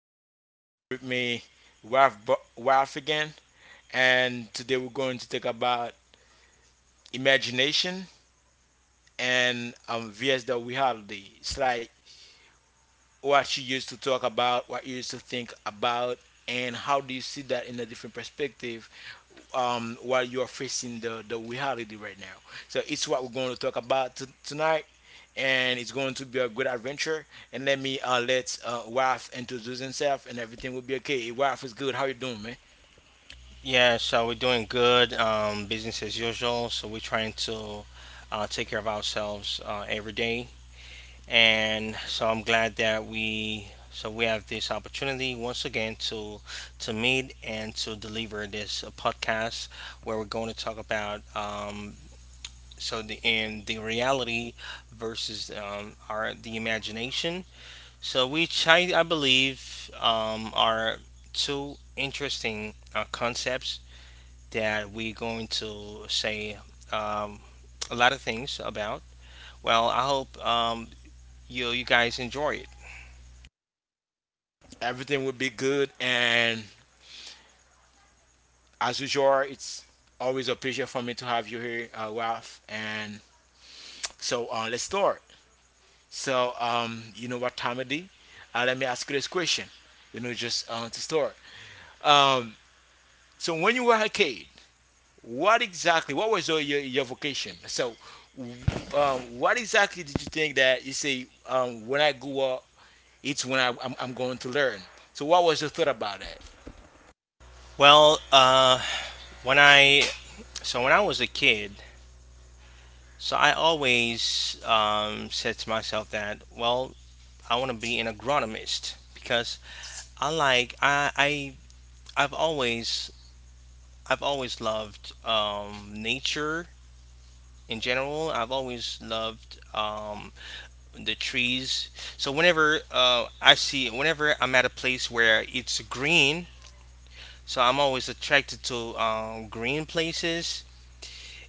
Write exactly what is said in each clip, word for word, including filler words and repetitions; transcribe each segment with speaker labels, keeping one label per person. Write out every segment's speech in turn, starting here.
Speaker 1: and I have with me Ralph, Bu- Ralph again. And today we're going to talk about imagination and um, vs the reality. It's like what you used to talk about, what you used to think about, and how do you see that in a different perspective um, while you are facing the, the reality right now. So it's what we're going to talk about t- tonight, and it's going to be a good adventure. And let me uh, let uh, Raf introduce himself, and everything will be okay. Raf is good. How you doing, man?
Speaker 2: Yeah, so we're doing good, um, business as usual. So we're trying to uh, take care of ourselves uh, every day, and so I'm glad that we so we have this opportunity once again to to meet and to deliver this uh, podcast where we're going to talk about um, so the in the reality versus um, our the imagination. So which I I believe um, are two interesting uh, concepts that we're going to say um, a lot of things about. Well, I hope um, you you guys enjoy it.
Speaker 1: Everything will be good, and as usual, it's always a pleasure for me to have you here, uh, Raf. And so uh, let's start. So um, you know what time it is? Uh, let me ask you this question. You know, just uh, to start. Um, so when you were a kid, what exactly? What was your your, your vocation? So, um, what exactly did you think that you say um, when I grew up, it's when I, I'm, I'm going to learn? So, what was your thought about that?
Speaker 2: Well, uh, when I so when I was a kid, so I always um, said to myself that, well, I want to be an agronomist because I like I, I I've always I've always loved um, nature in general. I've always loved um, the trees. So whenever uh, I see, whenever I'm at a place where it's green, so I'm always attracted to um, green places,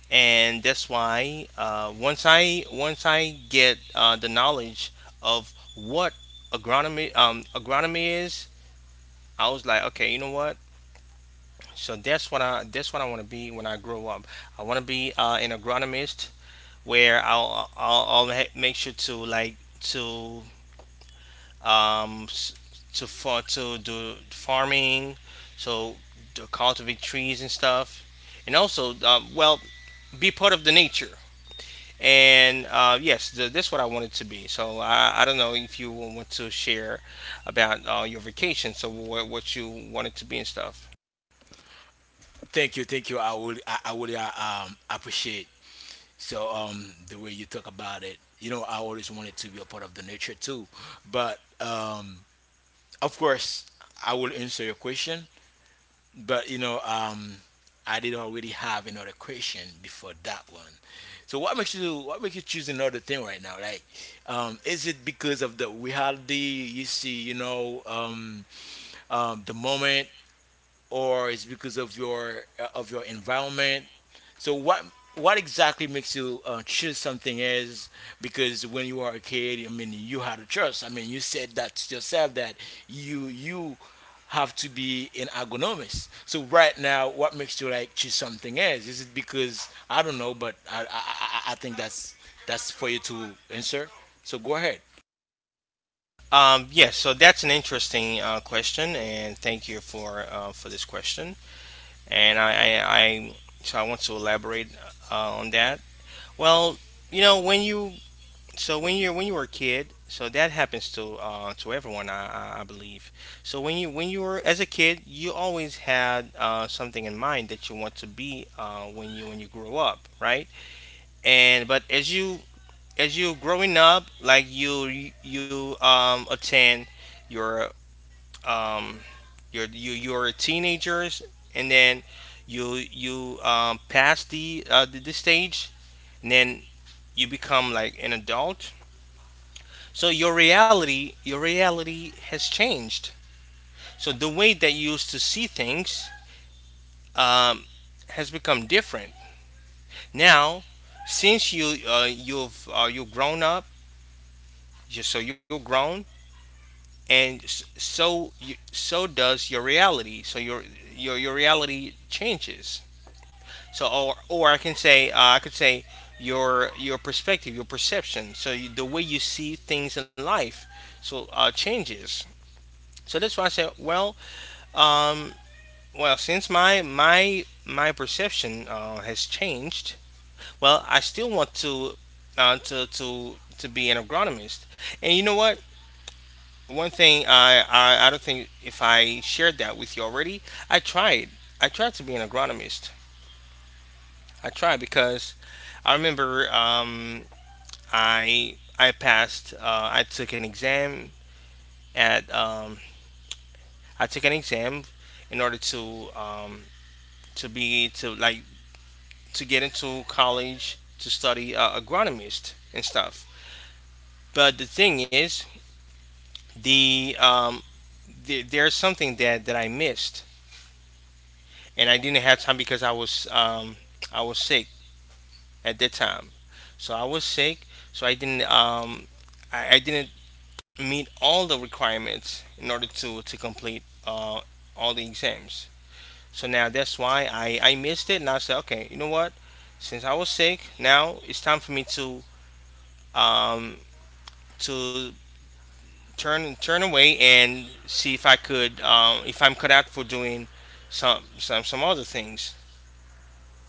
Speaker 2: and that's why uh, once I once I get uh, the knowledge of what agronomy um, agronomy is, I was like, okay, you know what? So that's what I that's what I want to be when I grow up. I want to be uh, an agronomist where I'll I'll, I'll ha- make sure to like to um, s- to for to do farming, so to cultivate trees and stuff, and also um, well, be part of the nature. And uh, yes, th- that's what I wanted to be. So I, I don't know if you want to share about uh, your vacation, so wh- what you wanted to be and stuff.
Speaker 1: Thank you, thank you. I would I, I would uh, um, appreciate so um, the way you talk about it. You know, I always wanted to be a part of the nature too, but um, of course, I will answer your question. But you know, um, I did already have another question before that one. So what makes you what makes you choose another thing right now? Like, um, is it because of the reality you see? You know, um, um, the moment or it's because of your uh, of your environment. So what what exactly makes you uh, choose something else? Because when you are a kid, I mean, you had a choice. I mean, you said that to yourself that you you have to be an ergonomist. So right now, what makes you like choose something else? Is it because I don't know, but I I, I I think that's that's for you to answer. So go ahead.
Speaker 2: Um, yes, so that's an interesting uh, question, and thank you for uh, for this question. And I, I, I so I want to elaborate uh, on that. Well, you know, when you so when you're when you were a kid, so that happens to uh, to everyone, I, I I believe. So when you when you were as a kid, you always had uh, something in mind that you want to be uh, when you when you grow up, right? And but as you as you growing up, like you you um, attend your, um, you're your you you are teenagers, and then you you um, pass the, uh, the the stage, and then you become like an adult, so your reality your reality has changed. So the way that you used to see things um, has become different now, since you uh, you've uh, you've grown up. You- so you're grown And s- so you, so does your reality. So your your your reality changes. So, or or I can say uh, I could say your your perspective, your perception, so you, the way you see things in life, so uh, changes. So that's why I said, well, um, well, since my my my perception uh, has changed, well, I still want to uh, to to to be an agronomist. And you know what? One thing, I, I I don't think if I shared that with you already. I tried. I tried to be an agronomist. I tried because I remember um, I I passed. Uh, I took an exam at um, I took an exam in order to um, to be to like to get into college to study uh, agronomist and stuff. But the thing is, the um, the there's something that that I missed, and I didn't have time because I was um, I was sick at that time. So I was sick, so I didn't um, I, I didn't meet all the requirements in order to to complete uh, all the exams. So now that's why I I missed it, and I said, okay, you know what? Since I was sick, now it's time for me to um, to turn turn away and see if I could, um, if I'm cut out for doing some some some other things.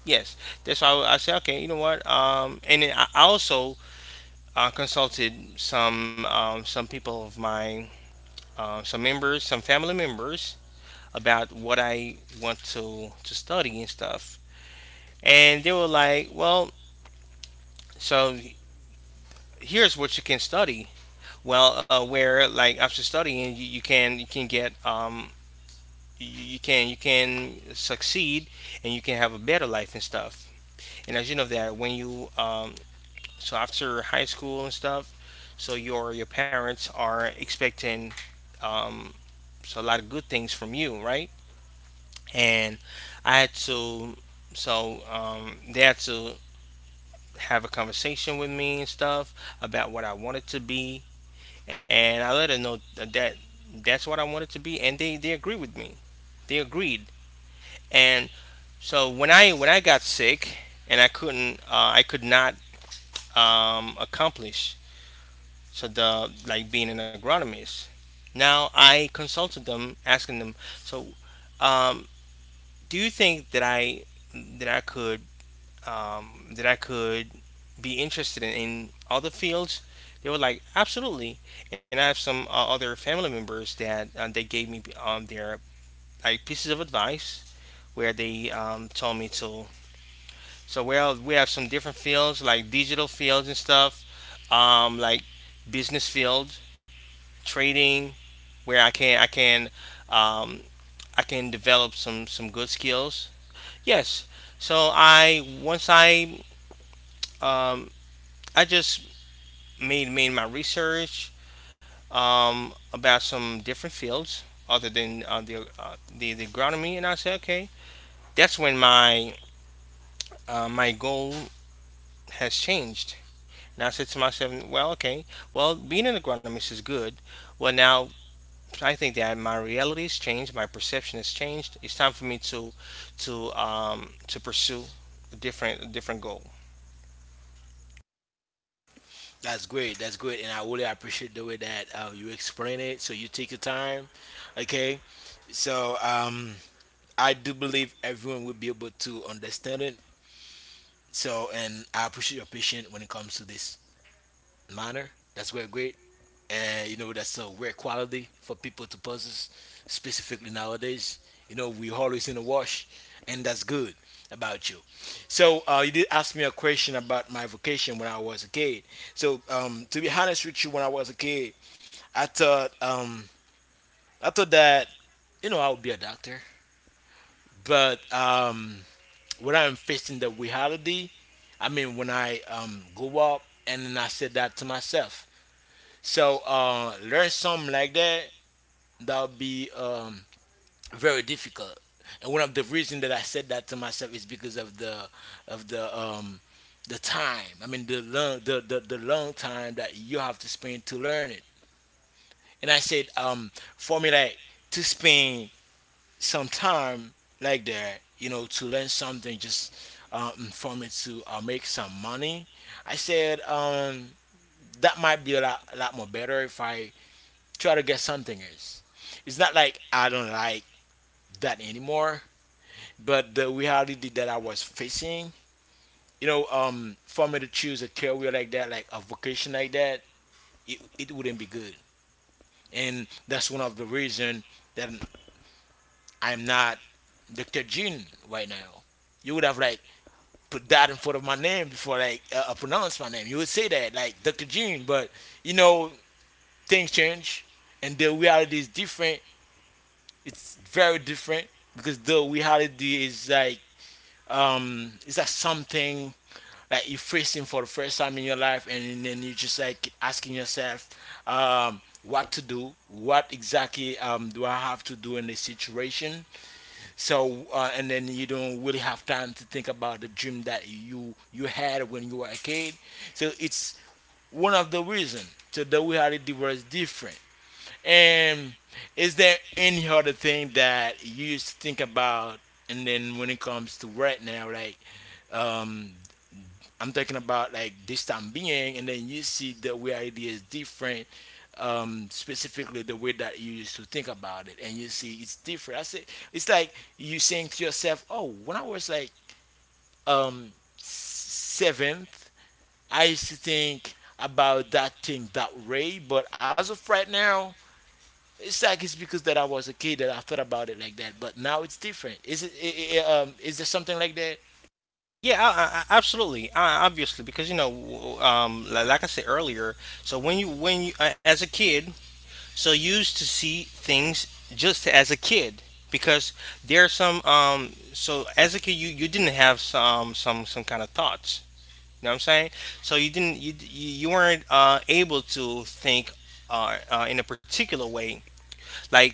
Speaker 2: Yes, that's why I, I said, okay, you know what? Um, and then I I also uh, consulted some, um, some people of mine, uh, some members, some family members, about what I want to to study and stuff. And they were like, well, so here's what you can study. Well, uh, where like after studying, you, you can you can get, um, you, you can you can succeed, and you can have a better life and stuff. And as you know, that when you, um so after high school and stuff, so your your parents are expecting, um so, a lot of good things from you, right? And I had to, so, um they had to have a conversation with me and stuff about what I wanted to be. And I let her know that that's what I wanted to be, and they they agreed with me. They agreed. And so when I when I got sick, and I couldn't, uh, I could not, um, accomplish, so, the, like being an agronomist, now I consulted them, asking them. So, um, do you think that I that I could, um, that I could be interested in, in other fields? They were like, absolutely. And I have some uh, other family members that, uh, they gave me, um, their like pieces of advice, where they, um, told me to, so we have, we have some different fields, like digital fields and stuff, um, like business field, trading, where I can, I can um, I can develop some some good skills. Yes. So I once I, um, I just made made my research, um, about some different fields other than, uh, the, uh, the the agronomy, and I said, okay. That's when my, uh, my goal has changed. Now I said to myself, well, okay, well, being an agronomist is good. Well, now I think that my reality has changed, my perception has changed. It's time for me to to um, to pursue a different a different goal.
Speaker 1: That's great. That's great, and I really appreciate the way that uh, you explain it. So you take your time, okay? So um, I do believe everyone will be able to understand it. So and I appreciate your patience when it comes to this matter. That's very great, and you know that's a rare quality for people to possess, specifically nowadays. You know we always in a wash, and that's good about you. So uh, you did ask me a question about my vocation when I was a kid. So um, to be honest with you, when I was a kid, I thought um, I thought that you know I would be a doctor, but um, when I'm facing the reality, I mean when I um go up and then I said that to myself. So uh learn something like that that'll be um very difficult. And one of the reason that I said that to myself is because of the of the um the time. I mean the long the, the, the long time that you have to spend to learn it. And I said, um, for me like to spend some time like that, you know, to learn something just um, for me to uh, make some money. I said um, that might be a lot, a lot more better if I try to get something else. It's not like I don't like that anymore, but the reality that I was facing, you know, um, for me to choose a career like that, like a vocation like that, it, it wouldn't be good. And that's one of the reason that I'm not doctor Gene right now. You would have like put that in front of my name before like uh, I pronounce my name. You would say that like doctor Gene, but you know things change, and the reality is different. It's very different because the reality is like um is that something like you're facing for the first time in your life, and then you just like asking yourself um what to do, what exactly um do I have to do in this situation, so uh, and then you don't really have time to think about the dream that you you had when you were a kid. So it's one of the reasons. So the reality was different. And is there any other thing that you used to think about? And then when it comes to right now, like um, I'm talking about like this time being, and then you see the way idea is different, um, specifically the way that you used to think about it, and you see it's different. I say it's like you saying to yourself, "Oh, when I was like um, seventh, I used to think about that thing that way, but as of right now." It's like it's because that I was a kid that I thought about it like that, but now it's different. Is it, I I um, is there something like that?
Speaker 2: Yeah, I, I- absolutely, I, obviously, because, you know, w- um, li- like I said earlier, so when you when you uh, as a kid, so you used to see things just as a kid, because there are some, um so as a kid, you you didn't have some some some kind of thoughts. You know what I'm saying? So you didn't, you you you weren't uh, able to think uh, uh, in a particular way. Like,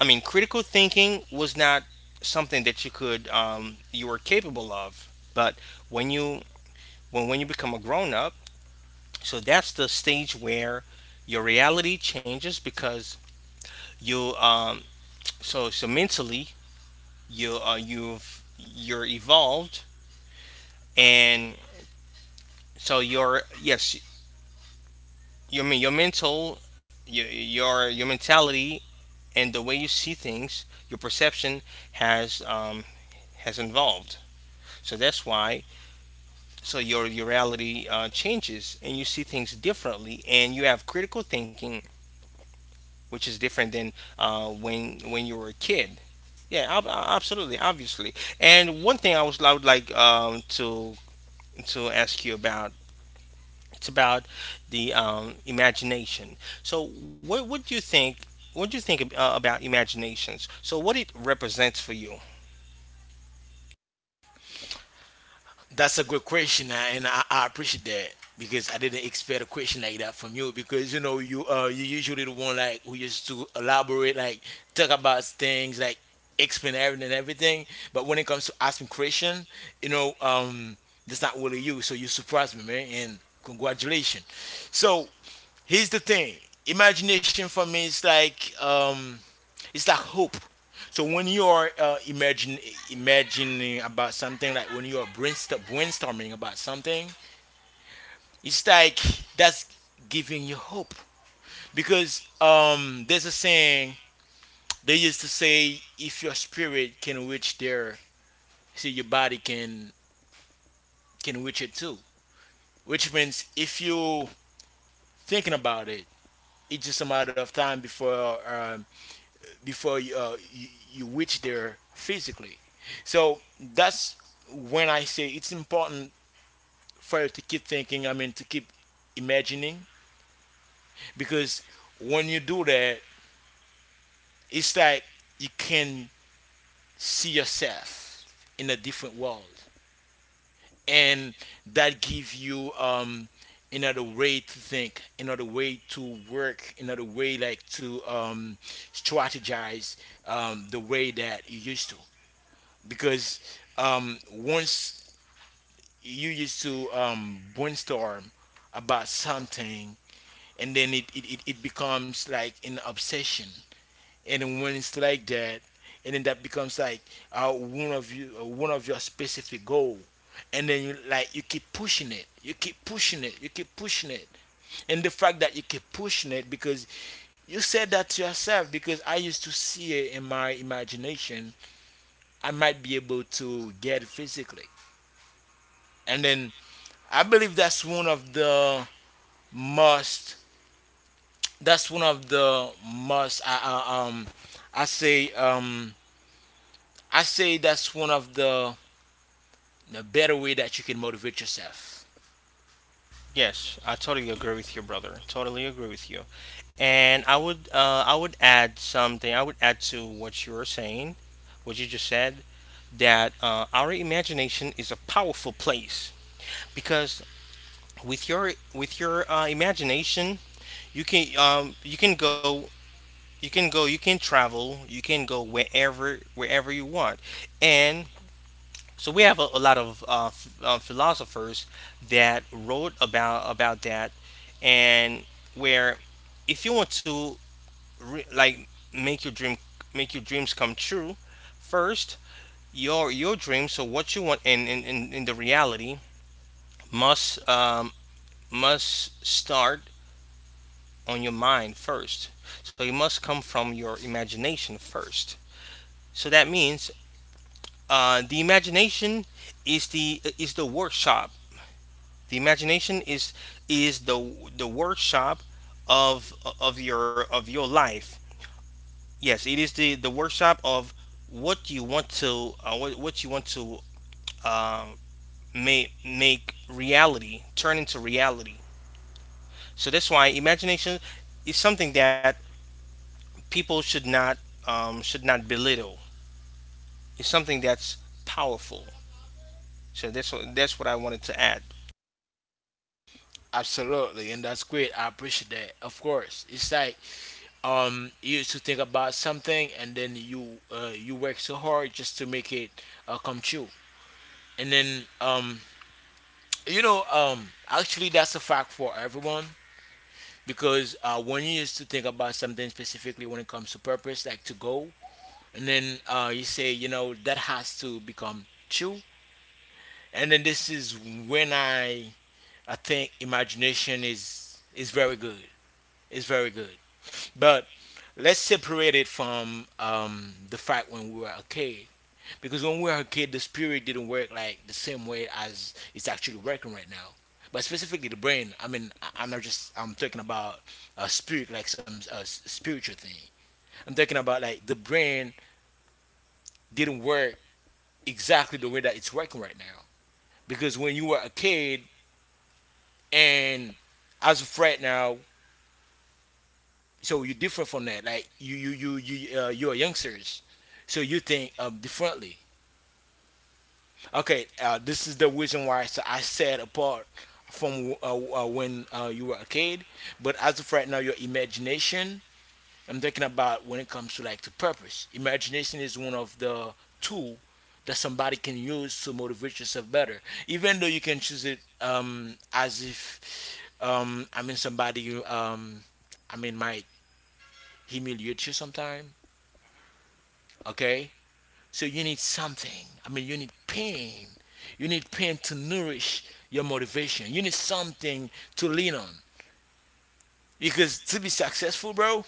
Speaker 2: I mean, critical thinking was not something that you could, um, you were capable of. But when you, when when you become a grown up, so that's the stage where your reality changes, because you, um, so so mentally, you uh, you've you're evolved. And so your, yes, you, I mean, your mental, your your, your mentality and the way you see things, your perception, has um, has evolved. So that's why. So your your reality, uh, changes, and you see things differently, and you have critical thinking, which is different than uh, when when you were a kid. Yeah, ab- absolutely, obviously. And one thing I was, I would like, um, to to ask you about, it's about the, um, imagination. So what, what do you think? What do you think ab- uh, about imaginations? So what it represents for you?
Speaker 1: That's a good question, uh, and I, I appreciate that because I didn't expect a question like that from you. Because you know, you uh, you usually the one like who used to elaborate, like talk about things, like explain everything and everything. But when it comes to asking question, you know, um, that's not really you. So you surprised me, man, and congratulations. So here's the thing: imagination for me is like um it's like hope. So when you are uh, imagine imagining about something, like when you are brainstorm, brainstorming about something, it's like that's giving you hope. Because um, there's a saying they used to say, if your spirit can reach there, see your body can can reach it too. Which means if you thinking about it, it's just a matter of time before uh, before uh, you, you reach there physically. So that's when I say it's important for you to keep thinking. I mean, to keep imagining because when you do that, it's like you can see yourself in a different world, and that gives you um, another way to think, another way to work, another way like to um, strategize um, the way that you used to. Because um, once you used to um, brainstorm about something and then it, it, it, it becomes like an obsession and then when it's like that and then that becomes like uh, one of you uh, one of your specific goal and then you like you keep pushing it you keep pushing it you keep pushing it and the fact that you keep pushing it because you said that to yourself because I used to see it in my imagination I might be able to get it physically and then I believe that's one of the must. That's one of the must. I, I um, I say um, I say that's one of the the better way that you can motivate yourself.
Speaker 2: Yes, I totally agree with you, brother. Totally agree with you. And I would, uh, I would add something. I would add to what you were saying, what you just said, that, uh, our imagination is a powerful place, because with your, with your uh, imagination, you can, um, you can go you can go, you can travel, you can go wherever wherever you want. And so we have a, a lot of uh, f- uh, philosophers that wrote about about that, and where, if you want to re- like make your dream make your dreams come true, first, your your dream, so what you want in, in, in, in the reality, must, um, must start on your mind first. So it must come from your imagination first. So that means, uh, the imagination is the, is the workshop. The imagination is, is the the workshop of, of your of your life. Yes, it is the, the workshop of what you want to, uh, what what you want to, um, make, make reality, turn into reality. So that's why imagination is something that people should not, um, should not belittle. It's something that's powerful. So that's what, that's what I wanted to add.
Speaker 1: Absolutely, and that's great. I appreciate that. Of course, it's like um, you used to think about something, and then you uh, you work so hard just to make it uh, come true. And then um, you know um, actually that's a fact for everyone. Because uh, when you used to think about something specifically when it comes to purpose, like to go, and then uh, you say, you know, that has to become true, and then this is when I I think imagination is is very good. It's very good, but let's separate it from um, the fact when we were a kid because when we were a kid, the spirit didn't work like the same way as it's actually working right now. But specifically the brain, I mean, I- I'm not just I'm talking about a spirit like some a s- spiritual thing. I'm talking about like the brain didn't work exactly the way that it's working right now. Because when you were a kid and as of right now, so you're different from that. Like you you you you uh, you're youngsters, so you think um, differently. Okay, uh, this is the reason why I s- I said apart from uh, uh, when uh, you were a kid, but as of right now, your imagination. I'm thinking about when it comes to like the purpose. Imagination is one of the tool that somebody can use to motivate yourself better. Even though you can choose it um, as if um, I mean somebody um, I mean might humiliate you sometime. Okay, so you need something. I mean, you need pain. You need pain to nourish your motivation. You need something to lean on. Because to be successful, bro,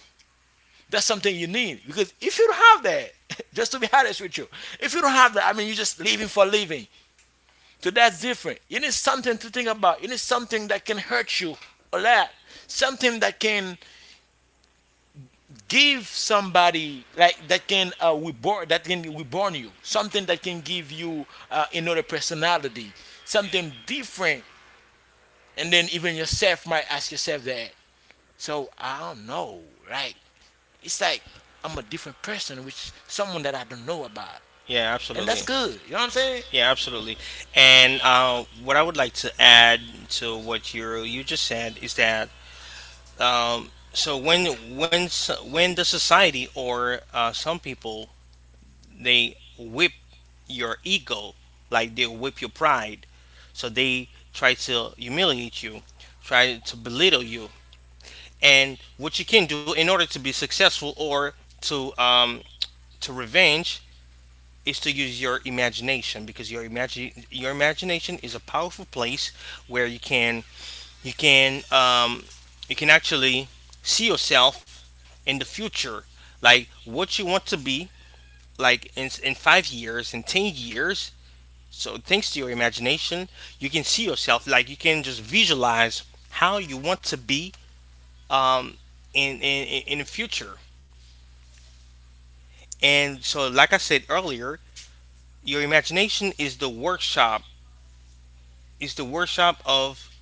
Speaker 1: that's something you need. Because if you don't have that, just to be honest with you, if you don't have that, I mean, you're just living for living. So that's different. You need something to think about. You need something that can hurt you a lot. Something that can give somebody like that can uh, reborn, that can reborn you, something that can give you uh, another personality, something different. And then even yourself might ask yourself that, so I don't know. Right, it's like I'm a different person, which someone that I don't know about.
Speaker 2: Yeah,
Speaker 1: And that's
Speaker 2: absolutely.
Speaker 1: good, you know what I'm saying?
Speaker 2: Yeah, absolutely. And uh, what I would like to add to what you you just said is that um, so when when s- when the society or uh, some people they whip your ego, like they whip your pride, so they try to humiliate you, try to belittle you, and what you can do in order to be successful or to um, to revenge is to use your imagination because your imagine your imagination is a powerful place where you can you can um, you can actually see yourself in the future, like what you want to be, like in, in five years, in ten years. So thanks to your imagination you can see yourself, like you can just visualize how you want to be, um, in, in in the future. And so like I said earlier, your imagination is the workshop. It's the workshop of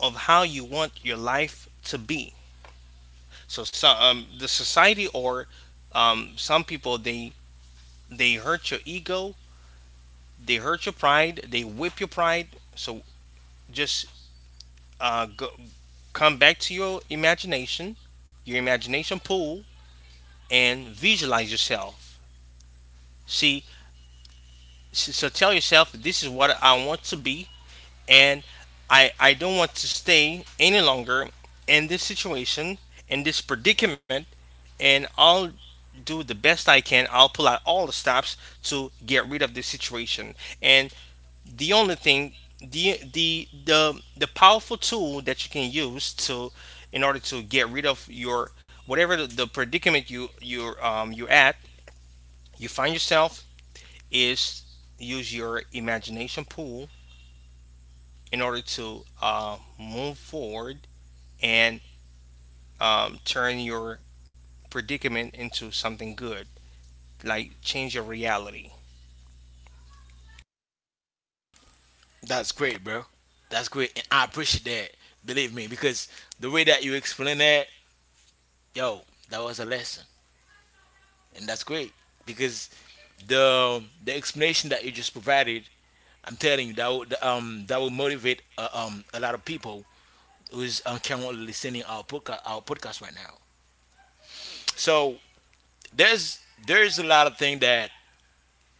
Speaker 2: of how you want your life to be. So some um, the society or um, some people, they they hurt your ego, they hurt your pride, they whip your pride. So just uh, go, come back to your imagination, your imagination pool, and visualize yourself. See, s- so tell yourself this is what I want to be, and I I don't want to stay any longer in this situation, in this predicament, and I'll do the best I can. I'll pull out all the stops to get rid of this situation. And the only thing, the the the the powerful tool that you can use to, in order to get rid of your, whatever the, the predicament you you're um, you're at, you find yourself, is use your imagination pool in order to uh, move forward and um, turn your predicament into something good, like change your reality.
Speaker 1: That's great, bro. That's great, and I appreciate that. Believe me, because the way that you explain that, yo, that was a lesson, and that's great. Because the the explanation that you just provided, I'm telling you that would, um that will motivate uh, um a lot of people who's um, currently listening our podcast, our podcast right now. So there's there's a lot of things that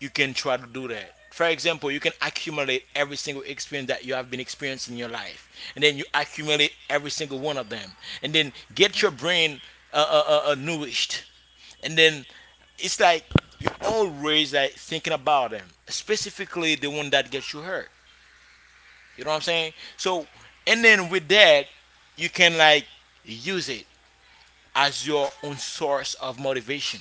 Speaker 1: you can try to do that. For example, you can accumulate every single experience that you have been experiencing in your life, and then you accumulate every single one of them, and then get your brain uh, uh, uh, uh, nourished, and then it's like you're always like thinking about them, specifically the one that gets you hurt. You know what I'm saying? So, and then with that, you can like use it as your own source of motivation.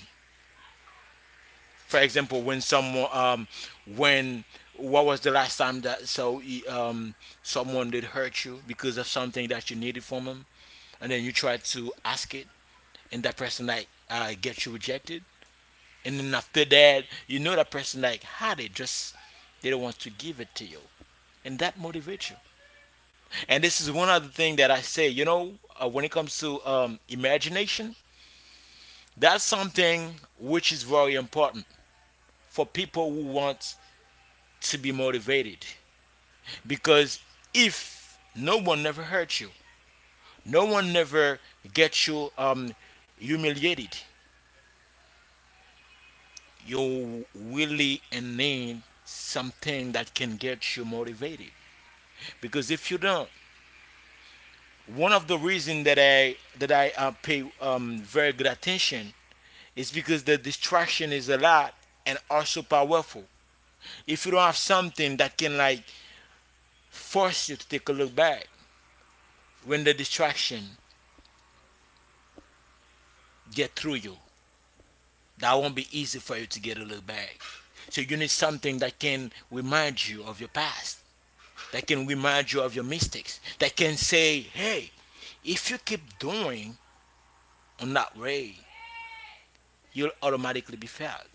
Speaker 1: For example, when someone, um, when what was the last time that so e, um someone did hurt you because of something that you needed from them, and then you try to ask it, and that person like uh, get you rejected, and then after that, you know that person like had it, just they don't want to give it to you, and that motivates you. And this is one other thing that I say, you know, uh, when it comes to um, imagination, that's something which is very important for people who want to be motivated. Because if no one never hurt you, no one never gets you um, humiliated, you really in need something that can get you motivated. Because if you don't, one of the reasons that I that I uh, pay um, very good attention, it's because the distraction is a lot and also powerful. If you don't have something that can like force you to take a look back, when the distraction get through you, that won't be easy for you to get a look back. So you need something that can remind you of your past, that can remind you of your mistakes, that can say, hey, if you keep doing on that way, you'll automatically be failed.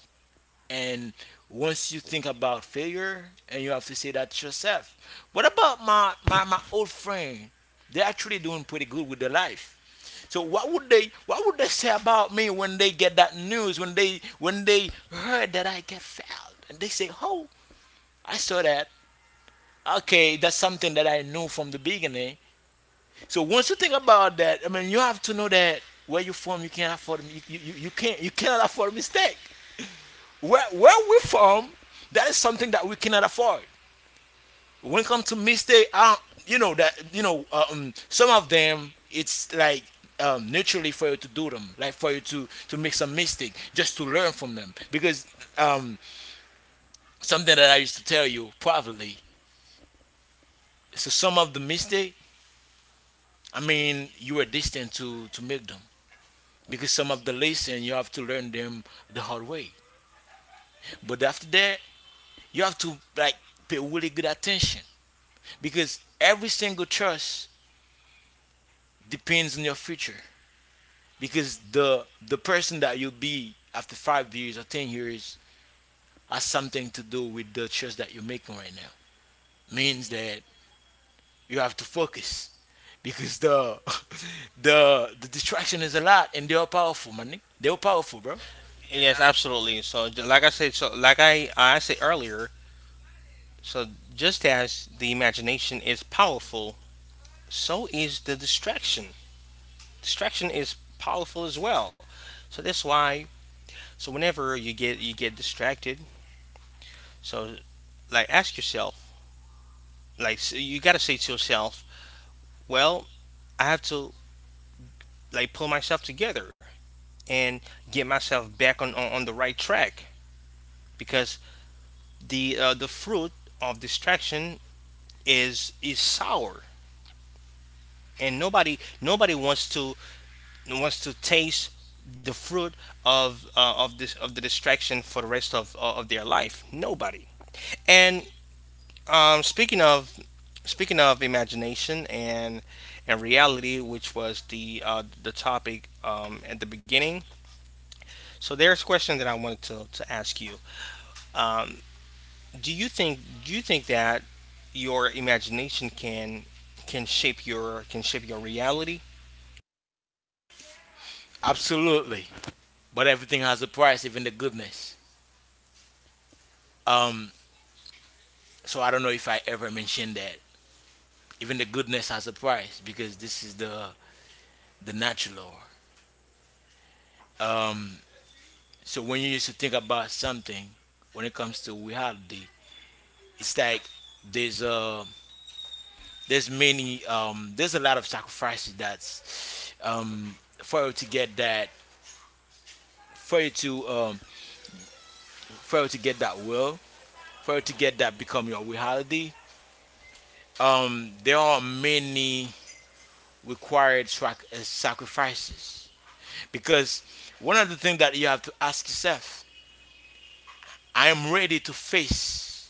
Speaker 1: And once you think about failure, and you have to say that to yourself. What about my, my, my old friend? They're actually doing pretty good with their life. So what would they what would they say about me when they get that news? When they when they heard that I get failed, and they say, "Oh, I saw that. Okay, that's something that I knew from the beginning." So once you think about that, I mean, you have to know that where you from, you can't afford you, you, you can't you cannot afford a mistake. Where where we from, that is something that we cannot afford. When it comes to mistake, I don't, you know that you know uh, um, some of them it's like um, naturally for you to do them, like for you to to make some mistake just to learn from them. Because um, something that I used to tell you privately, so some of the mistake, I mean, you were destined to to make them because some of the lesson you have to learn them the hard way. But after that, you have to like pay really good attention because every single choice depends on your future, because the the person that you'll be after five years or ten years has something to do with the choice that you're making right now, means that you have to focus because the the the distraction is a lot, and they're powerful, man. They're powerful, bro.
Speaker 2: Yes, absolutely. So, j- like I said, so like I I said earlier, so just as the imagination is powerful, so is the distraction. Distraction is powerful as well. So that's why. So whenever you get you get distracted, so like ask yourself, like so you gotta say to yourself, well, I have to like pull myself together and get myself back on on, on the right track because the uh, the fruit of distraction is is sour and nobody nobody wants to wants to taste the fruit of uh, of this of the distraction for the rest of uh, of their life. Nobody. And um, speaking of speaking of imagination and and reality, which was the uh, the topic um, at the beginning. So there's a question that I wanted to, to ask you. Um, do you think do you think that your imagination can can shape your can shape your reality?
Speaker 1: Absolutely. But everything has a price, even the goodness. um so I don't know if I ever mentioned that, even the goodness has a price, because this is the the natural law. um So when you used to think about something, when it comes to reality, it's like there's uh there's many, um there's a lot of sacrifices that's um for you to get that, for you to um for you to get that will, for you to get that become your reality. Um, there are many required sac- uh, sacrifices, because one of the things that you have to ask yourself, I am ready to face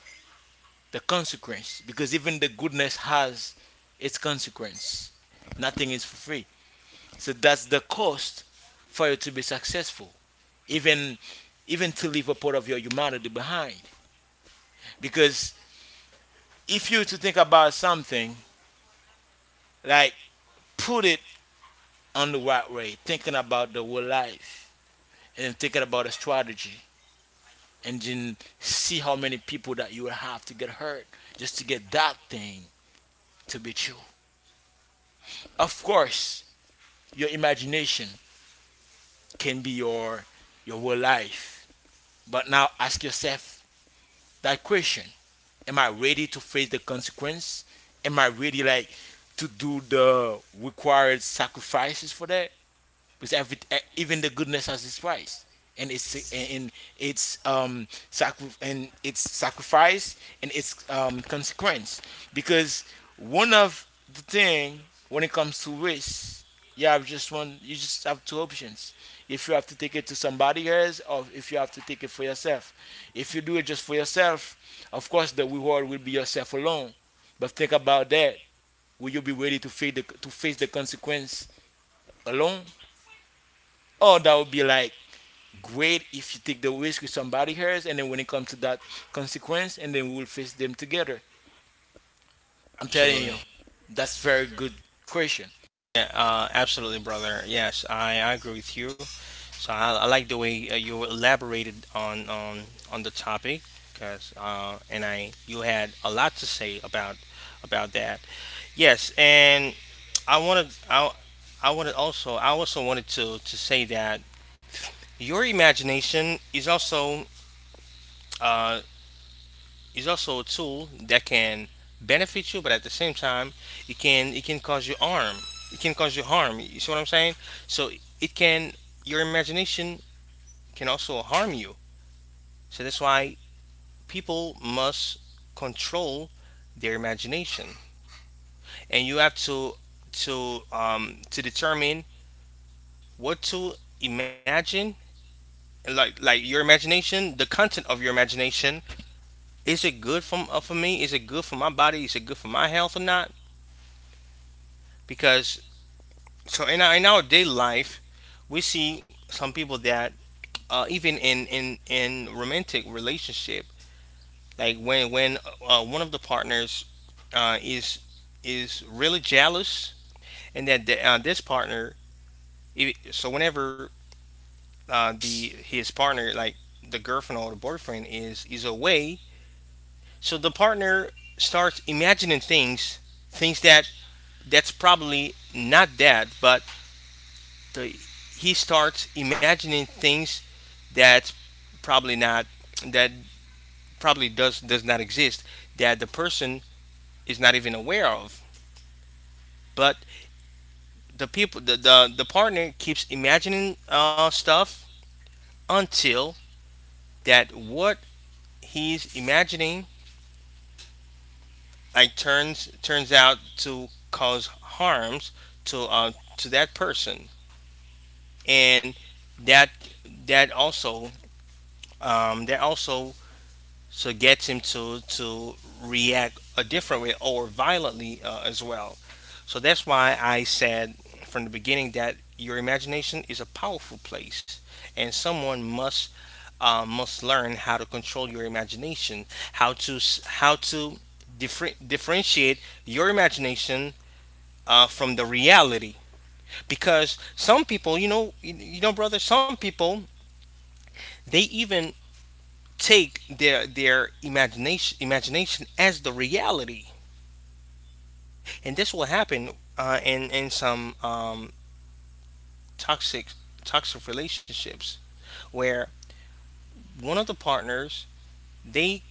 Speaker 1: the consequence, because even the goodness has its consequence. Nothing is for free. So that's the cost for you to be successful. Even even to leave a part of your humanity behind. Because if you to think about something, like put it on the right way, thinking about the whole life and thinking about a strategy, and then see how many people that you will have to get hurt just to get that thing to be true. Of course, your imagination can be your your whole life. But now ask yourself that question: Am I ready to face the consequence? Am I ready like to do the required sacrifices for that? Because every e- even the goodness has its price and it's and, and it's um sacri- and it's sacrifice and it's um consequence. Because one of the thing, when it comes to risk, you have just one you just have two options. If you have to take it to somebody else, or if you have to take it for yourself. If you do it just for yourself, of course the reward will be yourself alone. But think about that, will you be ready to face the to face the consequence alone, or that would be like great if you take the risk with somebody else, and then when it comes to that consequence, and then we will face them together. I'm telling you,
Speaker 2: Absolutely.
Speaker 1: that's very good question.
Speaker 2: Yeah, uh, absolutely, brother. Yes, I, I agree with you. So I, I like the way uh, you elaborated on on, on the topic, cause uh, and I you had a lot to say about about that. Yes, and I wanted I I wanted also I also wanted to to say that your imagination is also uh, is also a tool that can benefit you, but at the same time, it can it can cause you harm. It can cause you harm. You see what I'm saying? So it can your imagination can also harm you. So that's why people must control their imagination, and you have to to um to determine what to imagine, like like your imagination, the content of your imagination, is it good for, uh, for me, is it good for my body, is it good for my health or not, because so in our, in our daily life, we see some people that uh, even in in in romantic relationship, like when when uh, one of the partners uh, is is really jealous, and that the, uh, this partner, i- so whenever uh, the his partner, like the girlfriend or the boyfriend, is is away, so the partner starts imagining things, things that that's probably not that, but the he starts imagining things that probably not that, probably does does not exist, that the person is not even aware of, but the people the the, the partner keeps imagining uh, stuff until that what he's imagining like turns turns out to cause harms to uh, to that person, and that that also um, that also, so it gets him to to react a different way, or violently uh, as well. So that's why I said from the beginning that your imagination is a powerful place, and someone must uh, must learn how to control your imagination, how to s- how to differ- differentiate your imagination uh, from the reality. Because some people, you know, you you know, brother, some people they even take their their imagination imagination as the reality, and this will happen uh, in in some um, toxic toxic relationships where one of the partners they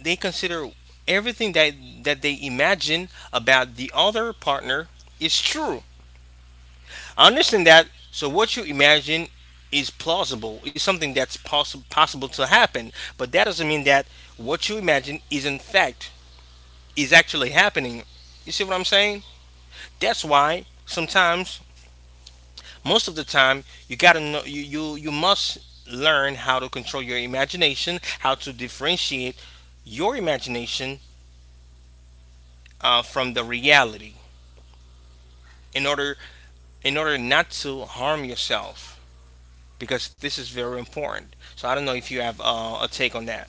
Speaker 2: they consider everything that that they imagine about the other partner is true. I understand that, so what you imagine is plausible, is something that's possible possible to happen, but that doesn't mean that what you imagine is in fact is actually happening. You see what I'm saying? That's why sometimes, most of the time, you gotta know you you, you must learn how to control your imagination, how to differentiate your imagination uh, from the reality in order in order not to harm yourself, because this is very important. So I don't know if you have uh, a take on that.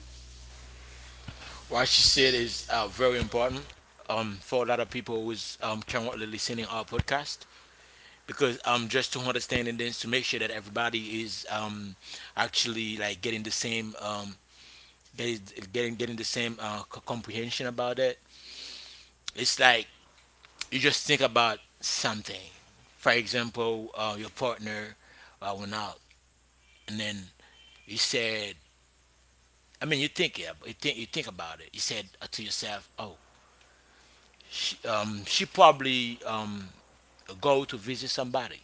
Speaker 1: What she said is uh, very important um, for a lot of people who's um, currently listening our podcast, because um, just to understand and then to make sure that everybody is um, actually like getting the same um, getting getting the same uh, comprehension about it. It's like you just think about something. For example, uh, your partner uh, went out, and then you said, I mean, you think it, you think you think about it. You said uh, to yourself, "Oh, she, um, she probably um, go to visit somebody."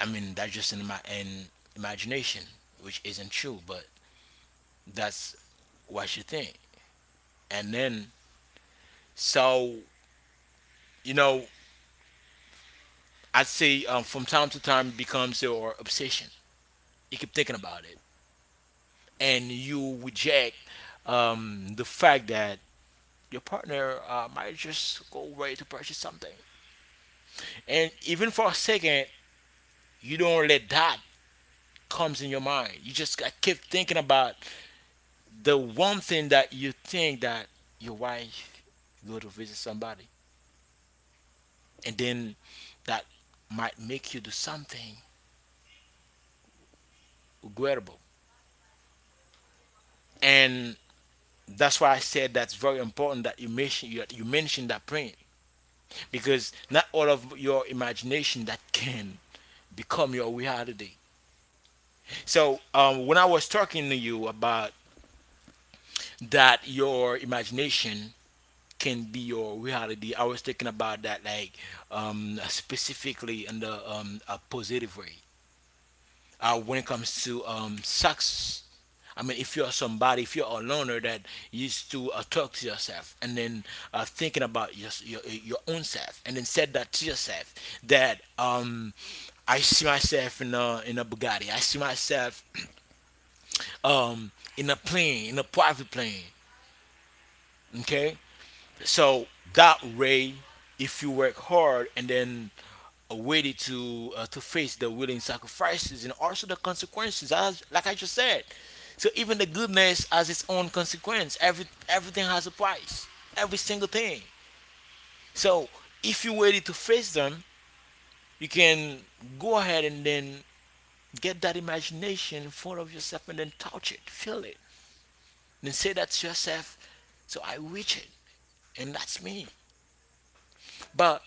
Speaker 1: I mean, that's just in my in imagination, which isn't true, but that's what you think. And then, so you know, I'd say um, from time to time it becomes your obsession. You keep thinking about it. And you reject um, the fact that your partner uh, might just go ready to purchase something, and even for a second, you don't let that comes in your mind. You just got keep thinking about the one thing that you think that your wife go to visit somebody, and then that might make you do something regrettable. And that's why I said that's very important that you mention you, you mention that print, because not all of your imagination that can become your reality. So um, when I was talking to you about that, your imagination can be your reality. I was thinking about that, like um, specifically in the um, a positive way. Uh, when it comes to um, success, I mean, if you're somebody, if you're a loner that used to uh, talk to yourself and then uh, thinking about your, your your own self, and then said that to yourself that um, I see myself in a in a Bugatti, I see myself um, in a plane, in a private plane. Okay, so that way, if you work hard and then are ready to uh, to face the willing sacrifices and also the consequences, as like I just said. So even the goodness has its own consequence. Every everything has a price. Every single thing. So if you're ready to face them, you can go ahead and then get that imagination in front of yourself and then touch it, feel it, and say that to yourself. So I reach it, and that's me. But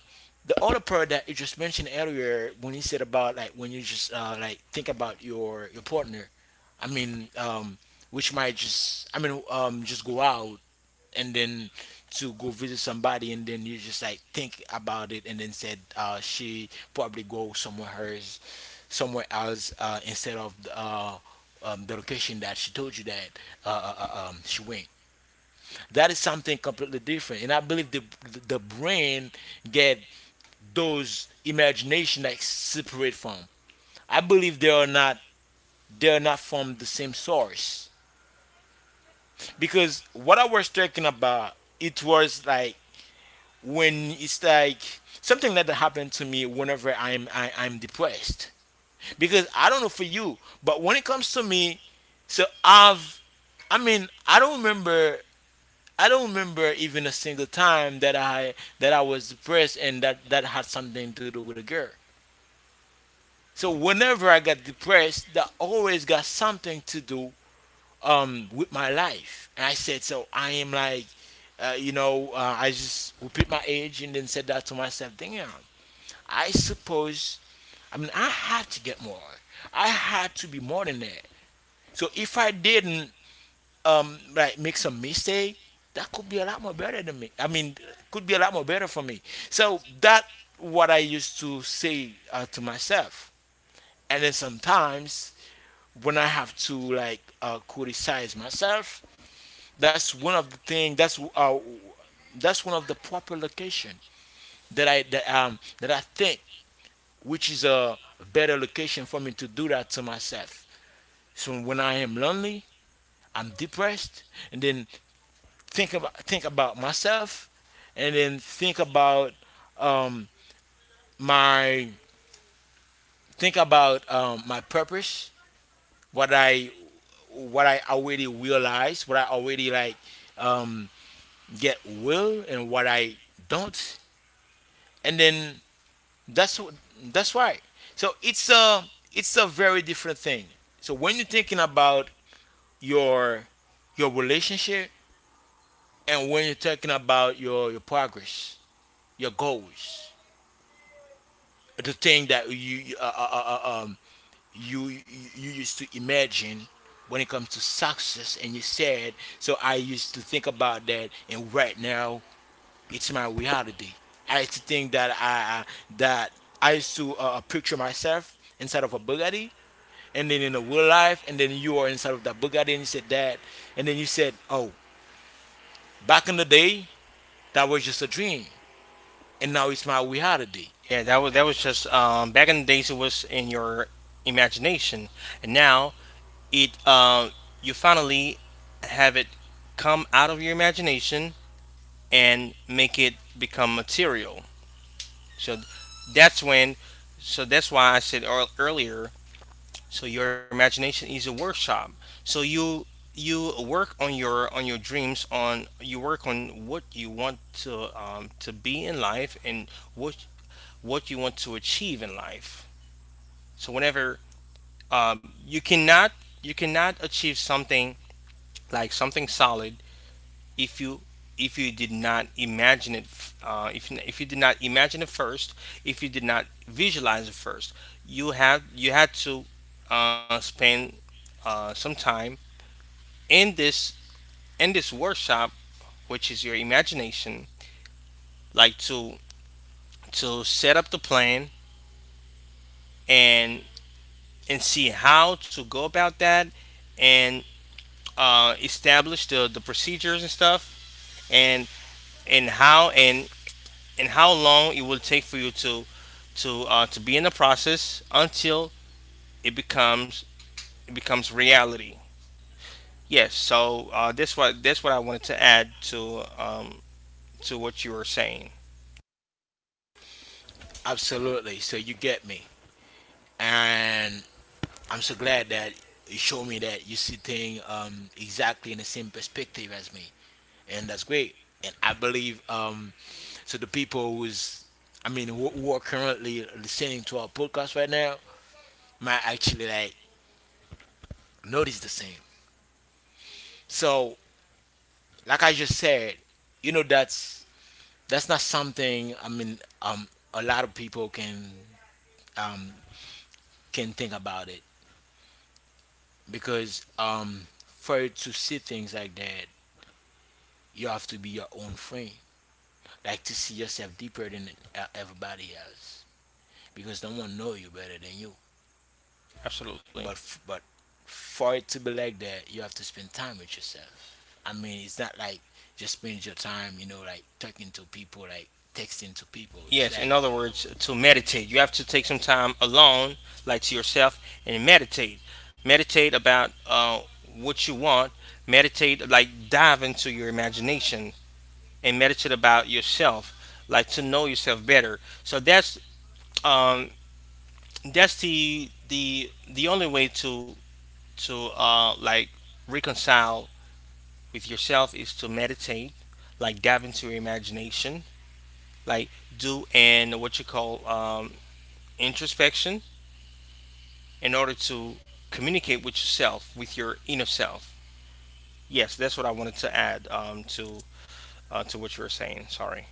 Speaker 1: the other part that you just mentioned earlier, when you said about like when you just uh, like think about your your partner, I mean, um, which might just I mean um, just go out and then to go visit somebody and then you just like think about it and then said uh, she probably go somewhere else, somewhere else uh, instead of uh, um, the location that she told you that uh, uh, uh, um, she went. That is something completely different, and I believe the the brain get those imagination that separate from. I believe they are not they are not from the same source, because what I was talking about, it was like when it's like something that happened to me whenever I'm I, I'm depressed. Because I don't know for you, but when it comes to me, so I've, I mean I don't remember. I don't remember even a single time that I that I was depressed and that that had something to do with a girl. So whenever I got depressed, that always got something to do um, with my life. And I said, so I am like, uh, you know, uh, I just repeat my age and then said that to myself. Damn, I suppose. I mean, I had to get more. I had to be more than that. So if I didn't um, like make some mistake, that could be a lot more better than me. I mean, could be a lot more better for me. So that what I used to say uh, to myself. And then sometimes when I have to like uh, criticize myself, that's one of the thing. That's uh, that's one of the proper location that I that um that I think which is a better location for me to do that to myself. So when I am lonely, I'm depressed, and then think about think about myself, and then think about um my think about um my purpose, what I what I already realized, what I already like um get will and what I don't, and then that's wh- that's why. So it's a it's a very different thing. So when you're thinking about your your relationship, and when you're talking about your your progress, your goals, the thing that you uh, uh, uh, uh, um you you used to imagine when it comes to success, and you said, so I used to think about that, and right now it's my reality. I used to think that I, I that I used to uh, uh, picture myself inside of a Bugatti, and then in the real life, and then you are inside of that Bugatti, and you said that, and then you said, "Oh, back in the day, that was just a dream, and now it's my reality."
Speaker 2: Yeah, that was that was just um, back in the days it was in your imagination, and now it um, you finally have it come out of your imagination and make it become material. So that's when, so that's why I said earl- earlier, so your imagination is a workshop. So you you work on your on your dreams on you work on what you want to um, to be in life and what what you want to achieve in life. So whenever um, you cannot you cannot achieve something, like something solid, if you if you did not imagine it f- uh, if, you- if you did not imagine it first, if you did not visualize it first, you have you had to uh, spend uh, some time in this in this workshop, which is your imagination, like to to set up the plan, and and see how to go about that, and uh, establish the, the procedures and stuff, and and how and and how long it will take for you to to uh, to be in the process until it becomes it becomes reality. Yes, so uh, that's what that's what I wanted to add to um, to what you were saying.
Speaker 1: Absolutely. So you get me, and I'm so glad that you showed me that you see things um, exactly in the same perspective as me. And that's great. And I believe um, so. The people who's, I mean, who, who are currently listening to our podcast right now might actually like notice the same. So, like I just said, you know, that's that's not something. I mean, um, a lot of people can um can think about it. Because um for you to see things like that, you have to be your own friend. Like to see yourself deeper than uh, everybody else, because no one know you better than you.
Speaker 2: Absolutely.
Speaker 1: But f- but for it to be like that, you have to spend time with yourself. I mean, it's not like just spend your time, you know, like talking to people, like texting to people. It's
Speaker 2: Yes,
Speaker 1: like
Speaker 2: in
Speaker 1: like
Speaker 2: other words, to meditate, you have to take some time alone, like to yourself, and meditate. Meditate about uh, what you want. Meditate, like dive into your imagination and meditate about yourself, like to know yourself better. So that's um, that's the the the only way to to uh like reconcile with yourself is to meditate, like dive into your imagination, like do and what you call um, introspection in order to communicate with yourself, with your inner self. Yes, that's what I wanted to add um, to uh, to what you were saying. Sorry.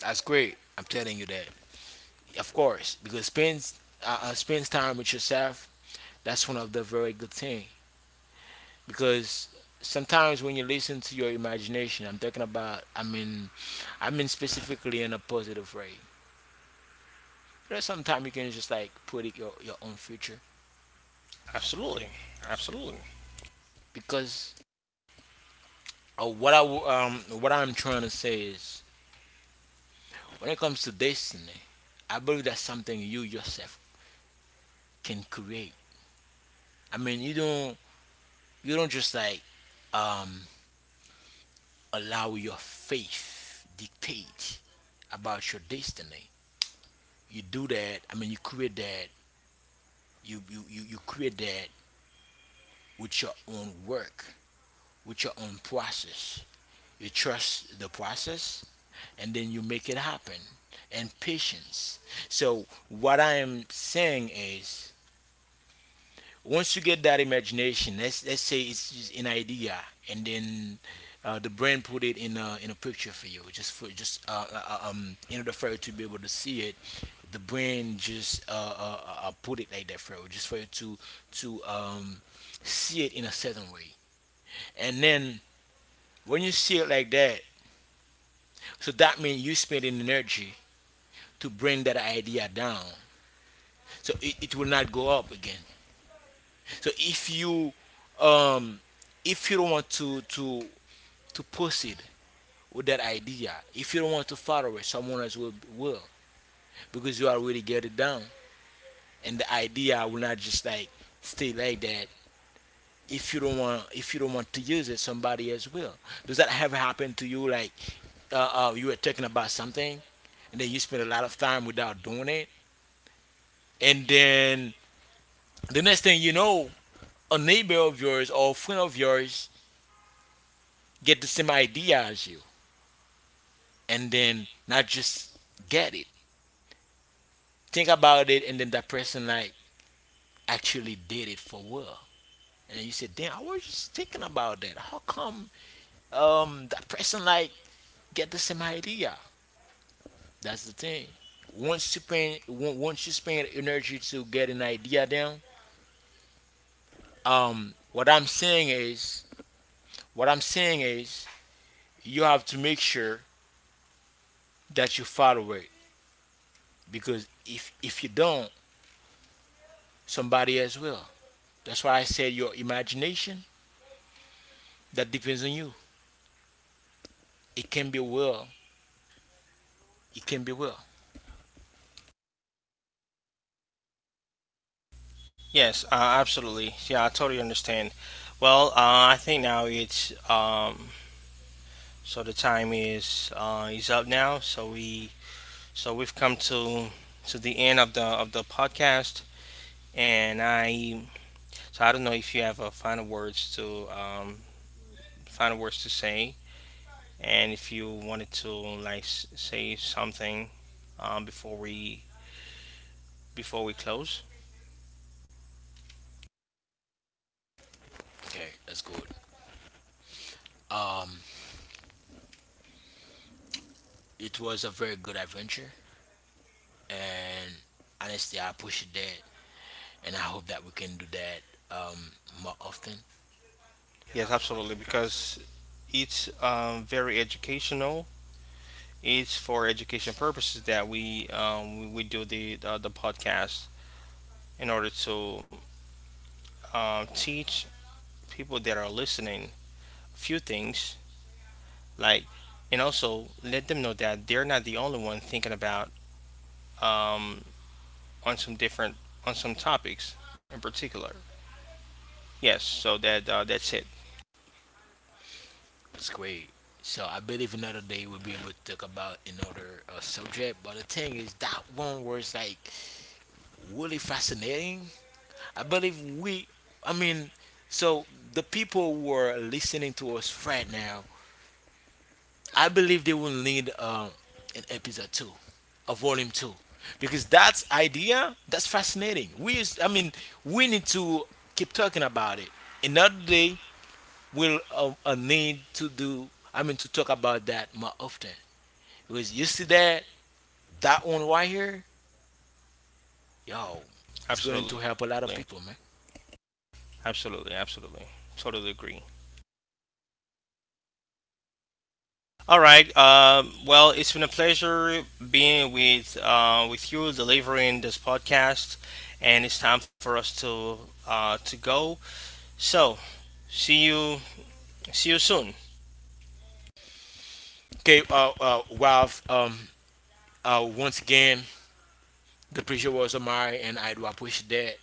Speaker 1: that's great. I'm telling you that, of course, because spends uh, uh, spends time with yourself. That's one of the very good thing, because sometimes when you listen to your imagination, I'm talking about. I mean, I mean specifically in a positive way. You know, sometimes you can just like put it your your own future,
Speaker 2: Absolutely, absolutely.
Speaker 1: because uh, what I w- um what I'm trying to say is when it comes to destiny, I believe that's something you yourself can create. I mean, you don't you don't just like um allow your faith dictate about your destiny. You do that. I mean, you create that. You you you, you create that with your own work, with your own process. You trust the process, and then you make it happen, and patience. So what I am saying is, once you get that imagination, let's let's say it's just an idea, and then uh, the brain put it in a in a picture for you, just for just uh, uh, um in order for you to be able to see it. The brain just uh, uh, uh put it like that for you, just for you to to um see it in a certain way. And then when you see it like that, so that means you spending energy to bring that idea down, so it, it will not go up again. So if you um if you don't want to to to proceed with that idea, if you don't want to follow it, someone else will will, because you already get it down. And the idea will not just like stay like that. If you don't want, if you don't want to use it, somebody else will. Does that ever happen to you, like uh, uh you were talking about something, and then you spend a lot of time without doing it, and then the next thing you know, a neighbor of yours or a friend of yours get the same idea as you, and then not just get it. Think about it, and then that person like actually did it for real. And you said, damn, I was just thinking about that. How come um that person like get the same idea? That's the thing. Once you spend on- once you spend energy to get an idea down, um what I'm saying is what I'm saying is you have to make sure that you follow it, because if if you don't, somebody else will. That's why I said your imagination, that depends on you. It can be well. It can be well.
Speaker 2: Yes, uh, absolutely. Yeah, I totally understand. Well, uh, I think now it's um, so the time is uh, is up now. So we so we've come to to the end of the of the podcast, and I so I don't know if you have uh, final words to um, final words to say, and if you wanted to like s- say something um, before we before we close.
Speaker 1: Okay, that's good. Um, it was a very good adventure, and honestly, I appreciate that, and I hope that we can do that um, more often.
Speaker 2: Yes, absolutely, because it's um, very educational. It's for education purposes that we um, we we do the uh, the podcast in order to um, teach people that are listening a few things, like, and also let them know that they're not the only one thinking about um, on some different on some topics in particular. Yes, so that uh, that's it.
Speaker 1: That's great. So I believe another day we'll be able to talk about another uh, subject. But the thing is, that one was like really fascinating. I believe we, I mean, so the people who are listening to us right now, I believe they will need um, an episode two, a volume two, because that's idea. That's fascinating. We, is, I mean, we need to keep talking about it. Another day, we'll uh, uh, need to do. I mean, to talk about that more often. Because you see that, that one right here, yo, it's going to
Speaker 2: Absolutely,
Speaker 1: help a lot of people, man.
Speaker 2: absolutely, absolutely, totally agree. All right. Um, well, it's been a pleasure being with uh, with you, delivering this podcast, and it's time for us to uh, to go. So, see you, see you soon.
Speaker 1: Okay, uh, uh, Ralph. Um, uh, once again, the pressure was on Mari, and I do appreciate that.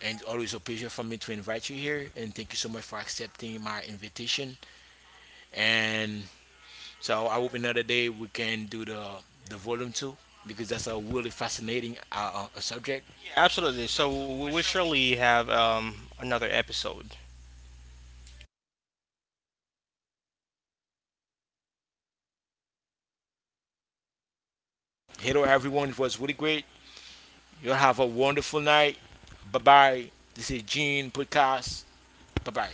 Speaker 1: And always a pleasure for me to invite you here. And thank you so much for accepting my invitation. And so I hope another day we can do the the volume two, because that's a really fascinating uh, uh, subject.
Speaker 2: Absolutely. So we will surely have um, another episode.
Speaker 1: Hello everyone, it was really great. You have a wonderful night. Bye bye. This is Gene Podcast. Bye bye.